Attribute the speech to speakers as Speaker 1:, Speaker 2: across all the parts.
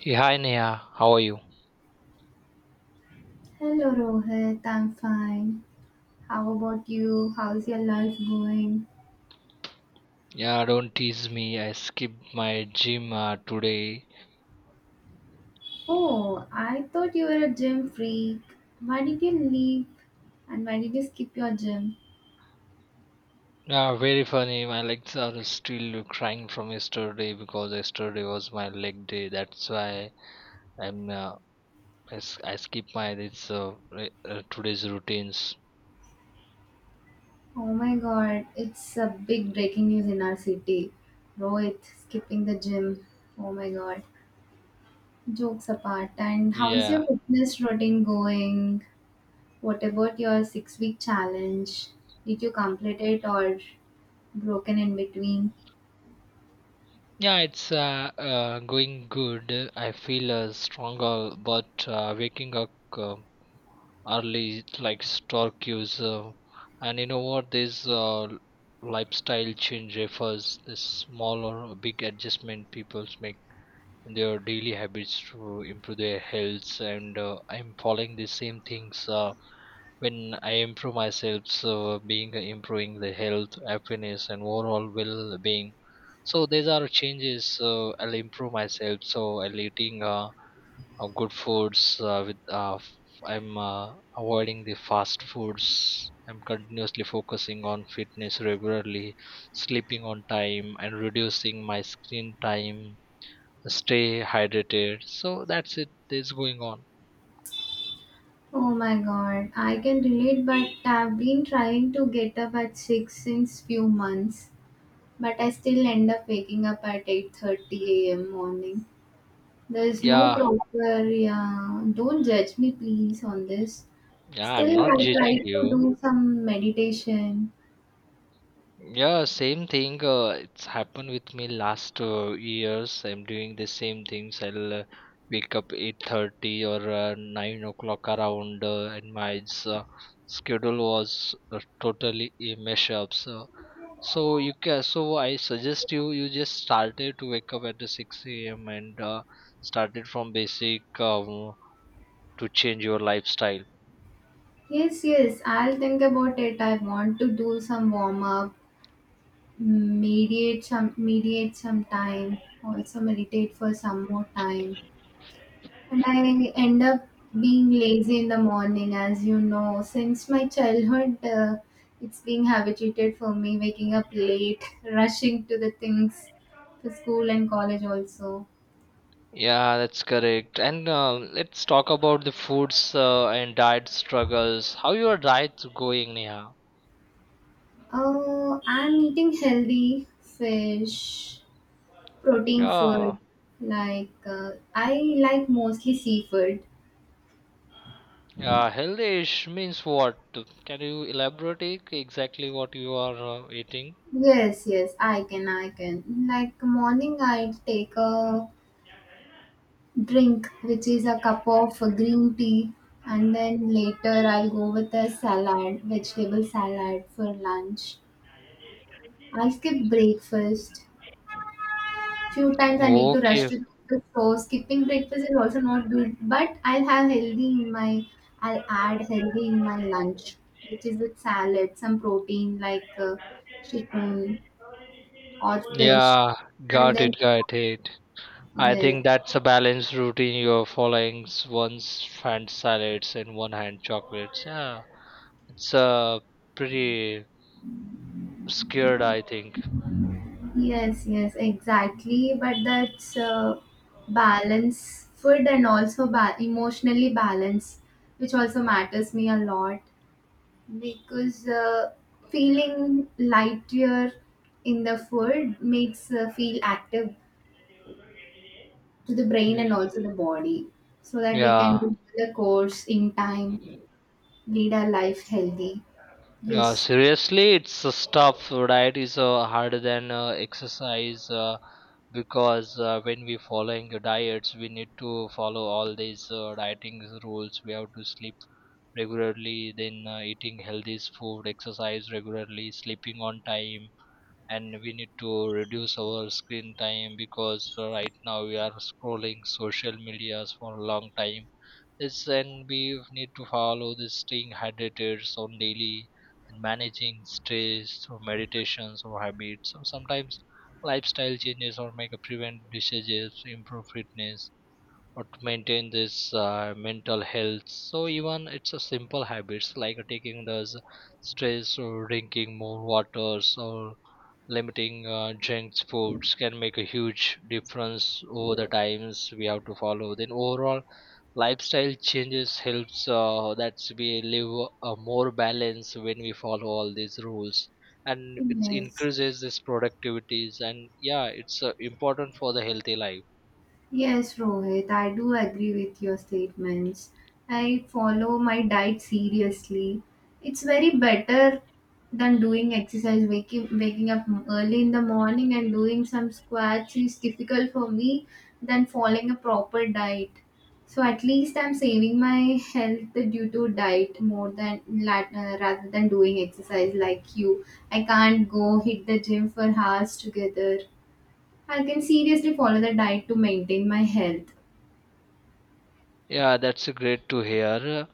Speaker 1: Hey, hi Neha, how are you?
Speaker 2: Hello Rohit, I'm fine. How about you? How's your life going?
Speaker 1: Yeah, don't tease me. I skipped my gym today.
Speaker 2: Oh, I thought you were a gym freak. Why did you leave? And why did you skip your gym?
Speaker 1: Yeah, very funny. My legs are still crying from yesterday because yesterday was my leg day. That's why I'm uh, I skip my this today's routines.
Speaker 2: Oh my god, it's a big breaking news in our city. Rohit skipping the gym. Oh my god. Jokes apart, and how's
Speaker 1: Yeah,
Speaker 2: your fitness routine going? What about your 6-week challenge? Did you complete it or broken in between?
Speaker 1: yeah, it's going good. I feel stronger, but waking up early like Syracuse, and you know what, this lifestyle change refers the small or big adjustment people make in their daily habits to improve their health, and I'm following the same things when I improve myself, so being improving the health, happiness and overall well-being. So these are changes I'll improve myself, so I'll eating good foods with f- I'm avoiding the fast foods. I'm continuously focusing on fitness regularly, sleeping on time and reducing my screen time, stay hydrated. So that's it, that's going on.
Speaker 2: Oh my god, I can relate, but I've been trying to get up at 6 since few months, but I still end up waking up at 8:30 a.m. morning. There's no
Speaker 1: Yeah,
Speaker 2: proper, yeah, don't judge me please on this.
Speaker 1: yeah,
Speaker 2: Still
Speaker 1: I'm not
Speaker 2: I try
Speaker 1: judging
Speaker 2: to
Speaker 1: you.
Speaker 2: do some meditation.
Speaker 1: Yeah, same thing. It's happened with me last years. I'm doing the same things. I'll wake up 8:30 or 9 o'clock around, and my schedule was totally a mess up. So, so you can. So I suggest you just started to wake up at the 6 a.m. and started from basic to change your lifestyle.
Speaker 2: Yes, yes, I'll think about it. I want to do some warm up, mediate some time, also meditate for some more time. And I end up being lazy in the morning, as you know. Since my childhood, it's being habituated for me waking up late, rushing to the things to school and college also.
Speaker 1: Yeah, that's correct. And let's talk about the foods and diet struggles. How your diet's going, Neha?
Speaker 2: Oh, I'm eating healthy fish, protein
Speaker 1: Yeah,
Speaker 2: food. Like I like mostly seafood.
Speaker 1: yeah. Healthish means what? Can you elaborate it exactly what you are eating?
Speaker 2: Yes, yes, I can. Like morning, I take a drink, which is a cup of green tea, and then later I'll go with a salad, vegetable salad for lunch. I'll skip breakfast. Few times I need to rush
Speaker 1: Okay.
Speaker 2: to the office, so skipping breakfast is also not good. But I'll have healthy in my, I'll add healthy in my lunch, which is with salad, some protein like chicken or fish,
Speaker 1: Yeah,
Speaker 2: and
Speaker 1: got
Speaker 2: then
Speaker 1: it, got it. I
Speaker 2: yes.
Speaker 1: think that's a balanced routine you're following. One's hand salads and one hand chocolates. Yeah, it's pretty scared, I think.
Speaker 2: Yes, yes, exactly. But that's balance food and also emotionally balance, which also matters me a lot because feeling lighter in the food makes feel active to the brain and
Speaker 1: Y-
Speaker 2: also the body, so that we can
Speaker 1: yeah,
Speaker 2: do the course in time, lead our life healthy.
Speaker 1: yeah,
Speaker 2: Yes,
Speaker 1: seriously it's a stuff, right? Is harder than exercise, because when we following the diets, we need to follow all these dieting rules. We have to sleep regularly, then eating healthy food, exercise regularly, sleeping on time, and we need to reduce our screen time because right now we are scrolling social medias for a long time. It's, and we need to follow this, staying hydrated on daily and managing stress through meditations or habits. So sometimes lifestyle changes or make a prevent diseases, improve fitness or to maintain this mental health. So even it's a simple habits like taking the stress or drinking more waters or limiting junk foods can make a huge difference over the times. We have to follow, then overall lifestyle changes helps that's we live a more balance when we follow all these rules, and it
Speaker 2: yes.
Speaker 1: increases this productivities. And yeah, it's important for the healthy life.
Speaker 2: Yes, Rohit, I do agree with your statements. I follow my diet seriously. It's very better than doing exercise. Waking up early in the morning and doing some squats is difficult for me than following a proper diet. So at least I'm saving my health due to diet more than rather than doing exercise like you. I can't go hit the gym for hours together. I can seriously follow the diet to maintain my health.
Speaker 1: Yeah, that's great to hear.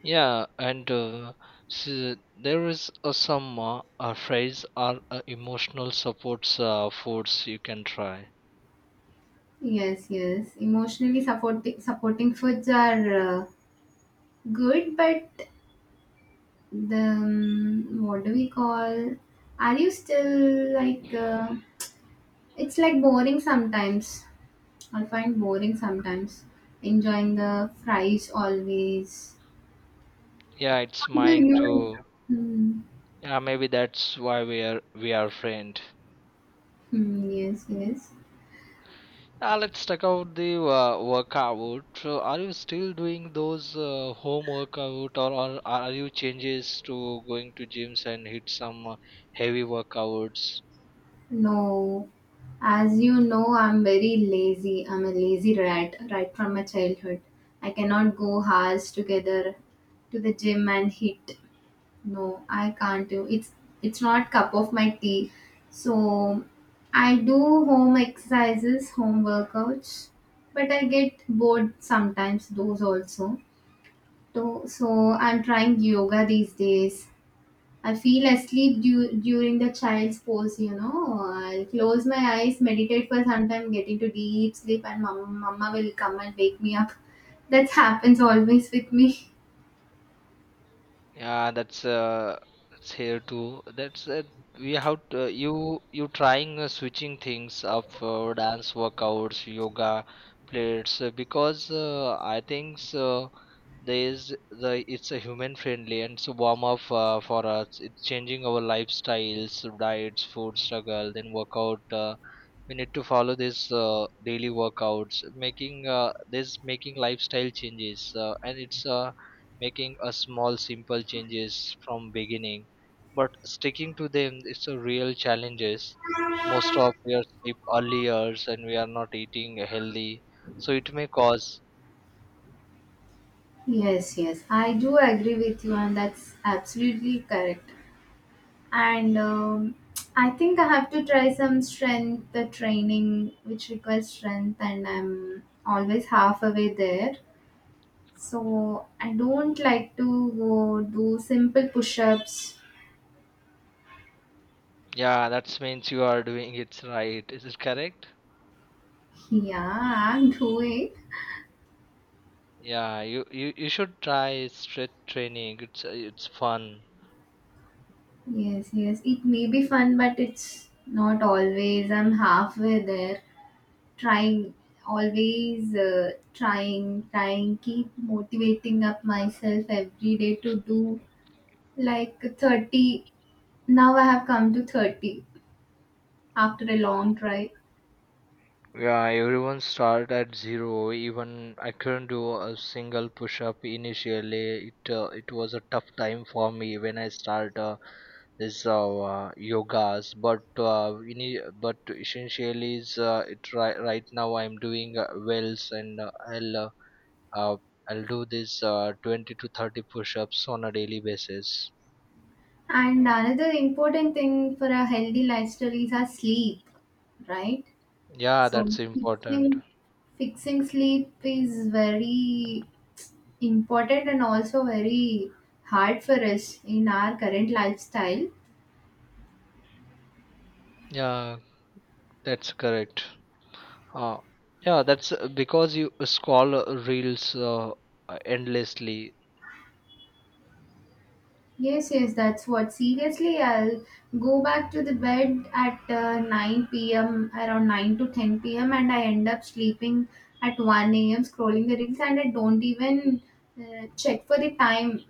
Speaker 1: Yeah, and so there is some phrase or emotional supports foods you can try.
Speaker 2: Yes, yes. Emotionally supporting foods are good, but the what do we call? Are you still like? It's like boring sometimes. I find boring sometimes. Enjoying the fries always.
Speaker 1: Yeah,
Speaker 2: How
Speaker 1: it's
Speaker 2: do
Speaker 1: mine
Speaker 2: you?
Speaker 1: too.
Speaker 2: Hmm.
Speaker 1: Yeah, maybe that's why we are friend.
Speaker 2: Hmm, yes, yes.
Speaker 1: Let's talk about the workout. So, are you still doing those home workout, or are you changes to going to gyms and hit some heavy workouts?
Speaker 2: No, as you know, I'm very lazy. I'm a lazy rat right from my childhood. I cannot go hours together to the gym and hit. No, I can't do. It's not cup of my tea. So I do home exercises, home workouts, but I get bored sometimes those also. So I'm trying yoga these days. I feel asleep during the child's pose, you know. I'll close my eyes, meditate for some time, get into deep sleep, and mama will come and wake me up. That happens always with me.
Speaker 1: Yeah, that's here too. That's it. We have to, you trying switching things up for dance workouts, yoga, plates, because I think so. There is the, it's a human friendly and so warm up for us. It's changing our lifestyles, diets, food struggle, then workout. We need to follow this daily workouts, making this making lifestyle changes, and it's making a small simple changes from beginning, but sticking to them, it's a real challenges. Most of we are sleep early hours and we are not eating healthy, so it may cause.
Speaker 2: Yes, yes, I do agree with you, and that's absolutely correct. And I think I have to try some strength the training, which requires strength, and I'm always halfway there. So I don't like to go do simple push ups.
Speaker 1: Yeah, that means you are doing it right, is it correct?
Speaker 2: Yeah, I'm through.
Speaker 1: Yeah, you should try strength training, it's fun.
Speaker 2: Yes, yes. It may be fun, but it's not always. I'm halfway there. Trying, always trying, keep motivating up myself every day to do like 30. Now I have come to 30 after a long try.
Speaker 1: Yeah, everyone start at zero. Even I couldn't do a single push up initially. It it was a tough time for me when I start this yogas. But we need, but essentially is it right, now I'm doing wells and uh, I'll do this 20 to 30 push ups on a daily basis.
Speaker 2: And another important thing for a healthy lifestyle is our sleep, right?
Speaker 1: Yeah,
Speaker 2: So
Speaker 1: that's important.
Speaker 2: fixing sleep is very important and also very hard for us in our current lifestyle.
Speaker 1: Yeah, that's correct. Uh, yeah, that's because you scroll reels endlessly.
Speaker 2: Yes, yes, that's what. Seriously, I'll go back to the bed at 9 p.m., around 9 to 10 p.m., and I end up sleeping at 1 a.m., scrolling the reels, and I don't even check for the time.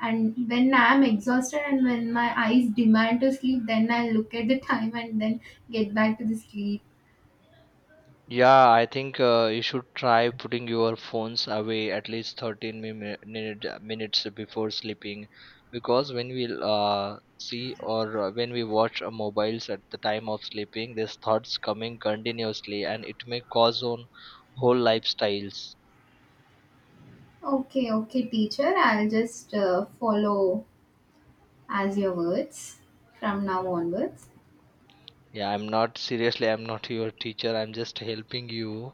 Speaker 2: And when I'm exhausted and when my eyes demand to sleep, then I look at the time and then get back to the sleep.
Speaker 1: Yeah, I think you should try putting your phones away at least 13 minutes before sleeping, because when we see or when we watch mobiles at the time of sleeping, these thoughts coming continuously and it may cause on whole lifestyles.
Speaker 2: Okay, okay, teacher, I'll just follow as your words from now onwards.
Speaker 1: Yeah, I'm not, seriously, I'm not your teacher, I'm just helping you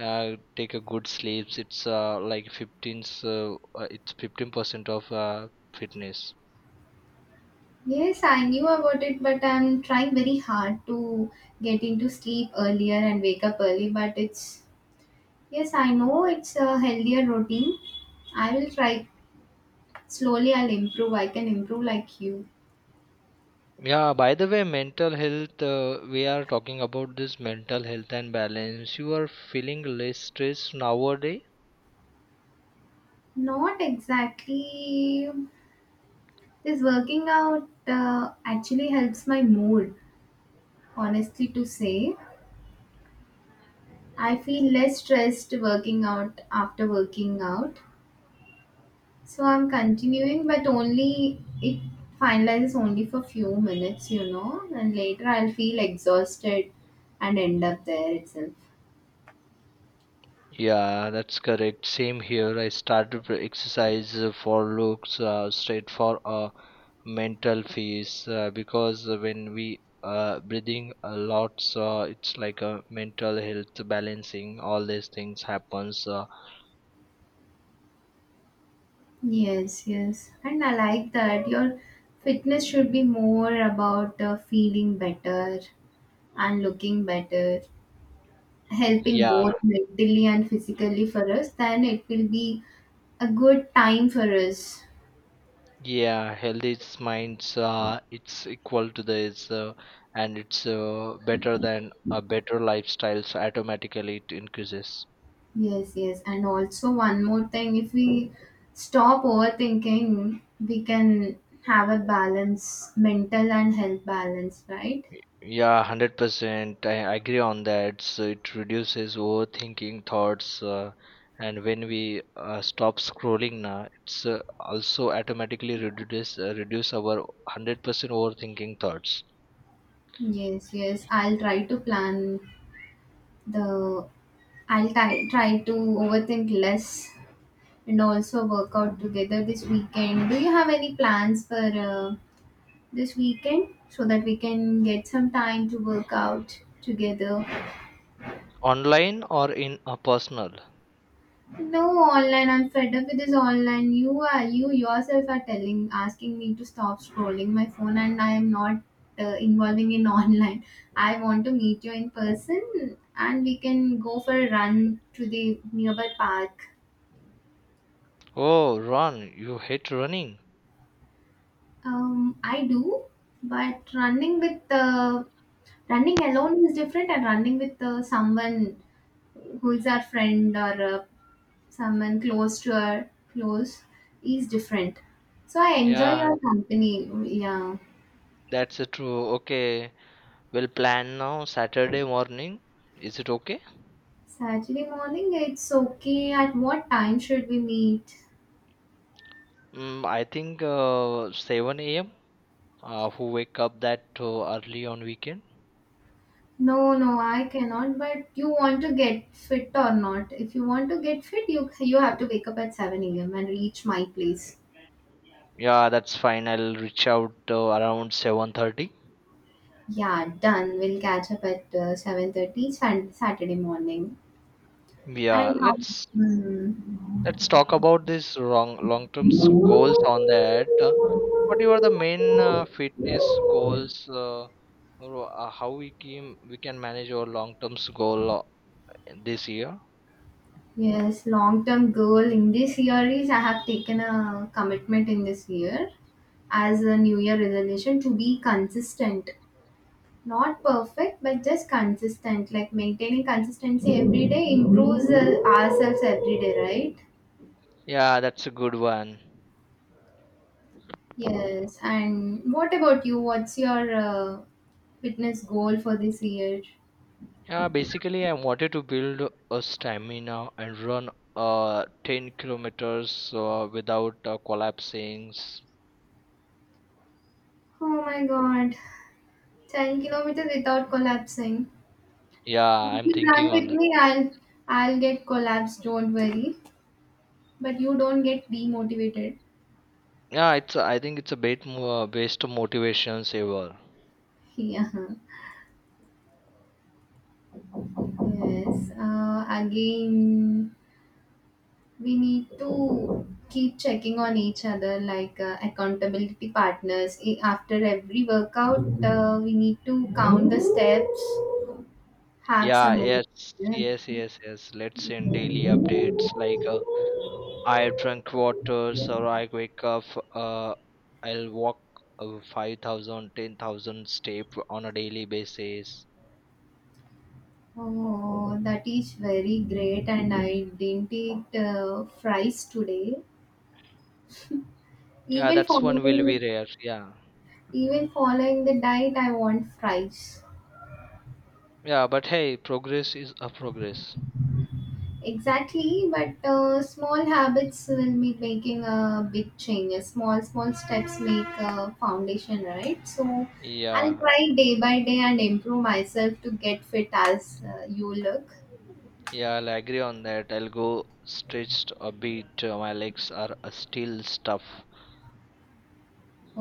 Speaker 1: take a good sleeps, it's like 15, so, it's 15% of fitness.
Speaker 2: Yes, I knew about it, but I'm trying very hard to get into sleep earlier and wake up early. But it's, yes, I know it's a healthier routine. I will try slowly, I'll improve. I can improve like you.
Speaker 1: Yeah, by the way, mental health, we are talking about this mental health and balance. You are feeling less stressed nowadays?
Speaker 2: Not exactly. This working out actually helps my mood, honestly, to say. I feel less stressed working out after working out. So I'm continuing, but only it finalizes only for few minutes, you know, and later I'll feel exhausted and end up there itself.
Speaker 1: Yeah, that's correct. Same here. I started with exercise for looks straight for a mental phase, because when we breathing a lot, so it's like a mental health balancing. All these things happens.
Speaker 2: Yes, yes, and I like that your fitness should be more about feeling better and looking better, helping
Speaker 1: Yeah,
Speaker 2: both mentally and physically for us. Then it will be a good time for us.
Speaker 1: yeah. Healthy is minds. It's equal to this, and it's better than a better lifestyles. Automatically, it increases.
Speaker 2: Yes, yes. And also, one more thing if we stop overthinking, we can have a balance, mental and health balance, right?
Speaker 1: Yeah, 100%. I agree on that. So it reduces overthinking thoughts. And when we stop scrolling now, it's also automatically reduce, our 100% overthinking thoughts.
Speaker 2: Yes, yes. I'll try to plan the, I'll try to overthink less and also work out together this weekend. Do you have any plans for this weekend so that we can get some time to work out together?
Speaker 1: Online or in a personal?
Speaker 2: No online. I'm fed up with this online. You yourself are telling, asking me to stop scrolling my phone, and I am not involving in online. I want to meet you in person, and we can go for a run to the nearby park.
Speaker 1: Oh, run. You hate running.
Speaker 2: I do, but running with running alone is different, and running with someone who is our friend or a someone close to our close is different. So I enjoy
Speaker 1: Yeah,
Speaker 2: your company. Yeah.
Speaker 1: that's true. Okay. We'll plan now Saturday morning. Is it okay?
Speaker 2: Saturday morning, it's okay. At what time should we meet?
Speaker 1: Mm, I think 7 a.m. Who wake up that early on weekend?
Speaker 2: No, no, I cannot. But you want to get fit or not? If you want to get fit, you have to wake up at 7 a.m. and reach my place.
Speaker 1: Yeah, that's fine, I'll reach out around 7:30.
Speaker 2: Yeah, done. We'll catch up at 7:30 Saturday morning.
Speaker 1: Yeah,
Speaker 2: And how? Hmm.
Speaker 1: let's talk about this long long term goals on that, what are the main fitness goals, or how we can manage our long term goal this year.
Speaker 2: Yes, long term goal in this year is I have taken a commitment in this year as a new year resolution to be consistent. Not perfect, but just consistent. Like maintaining consistency every day improves ourselves every day, right?
Speaker 1: Yeah, that's a good one.
Speaker 2: Yes. And what about you? What's your fitness goal for this year?
Speaker 1: Yeah, basically, I wanted to build a stamina and run 10 kilometers without collapsing.
Speaker 2: Oh my god, 10 kilometers without collapsing.
Speaker 1: Yeah, I'm
Speaker 2: You
Speaker 1: thinking
Speaker 2: run with
Speaker 1: on that.
Speaker 2: me, I'll get collapsed, don't worry. But you don't get demotivated.
Speaker 1: Yeah, it's, I think it's a bit more based on motivation saver.
Speaker 2: Yeah. Yes. Again, we need to keep checking on each other like accountability partners. After every workout, we need to count the steps, have
Speaker 1: Yeah,
Speaker 2: some.
Speaker 1: yes, yes, yes, yes. Let's send daily updates like, I drank waters or I wake up. Uh, I'll walk 5,000 step on a daily basis.
Speaker 2: Oh, that is very great, and I didn't eat fries today.
Speaker 1: Yeah,
Speaker 2: Even
Speaker 1: that's one will be
Speaker 2: following
Speaker 1: rare. Yeah.
Speaker 2: Even following the diet I want fries.
Speaker 1: Yeah, but hey, progress is a progress.
Speaker 2: Exactly, but small habits will be making a big change. A small, small steps make a foundation, right? So I'll
Speaker 1: Yeah,
Speaker 2: try day by day and improve myself to get fit as you look.
Speaker 1: yeah, I'll agree on that. I'll go stretched a bit. My legs are still stuff.
Speaker 2: Oh,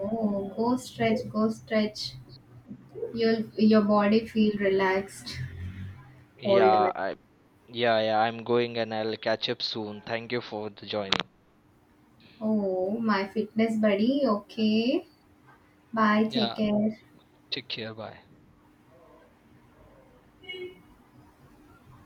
Speaker 2: oh, oh, go stretch, go stretch. You'll your body feel relaxed. Old man.
Speaker 1: Yeah, I, yeah, yeah. I'm going and I'll catch up soon. Thank you for the joining.
Speaker 2: Oh, my fitness buddy. Okay. Bye. Take
Speaker 1: Yeah,
Speaker 2: care.
Speaker 1: take care. Bye.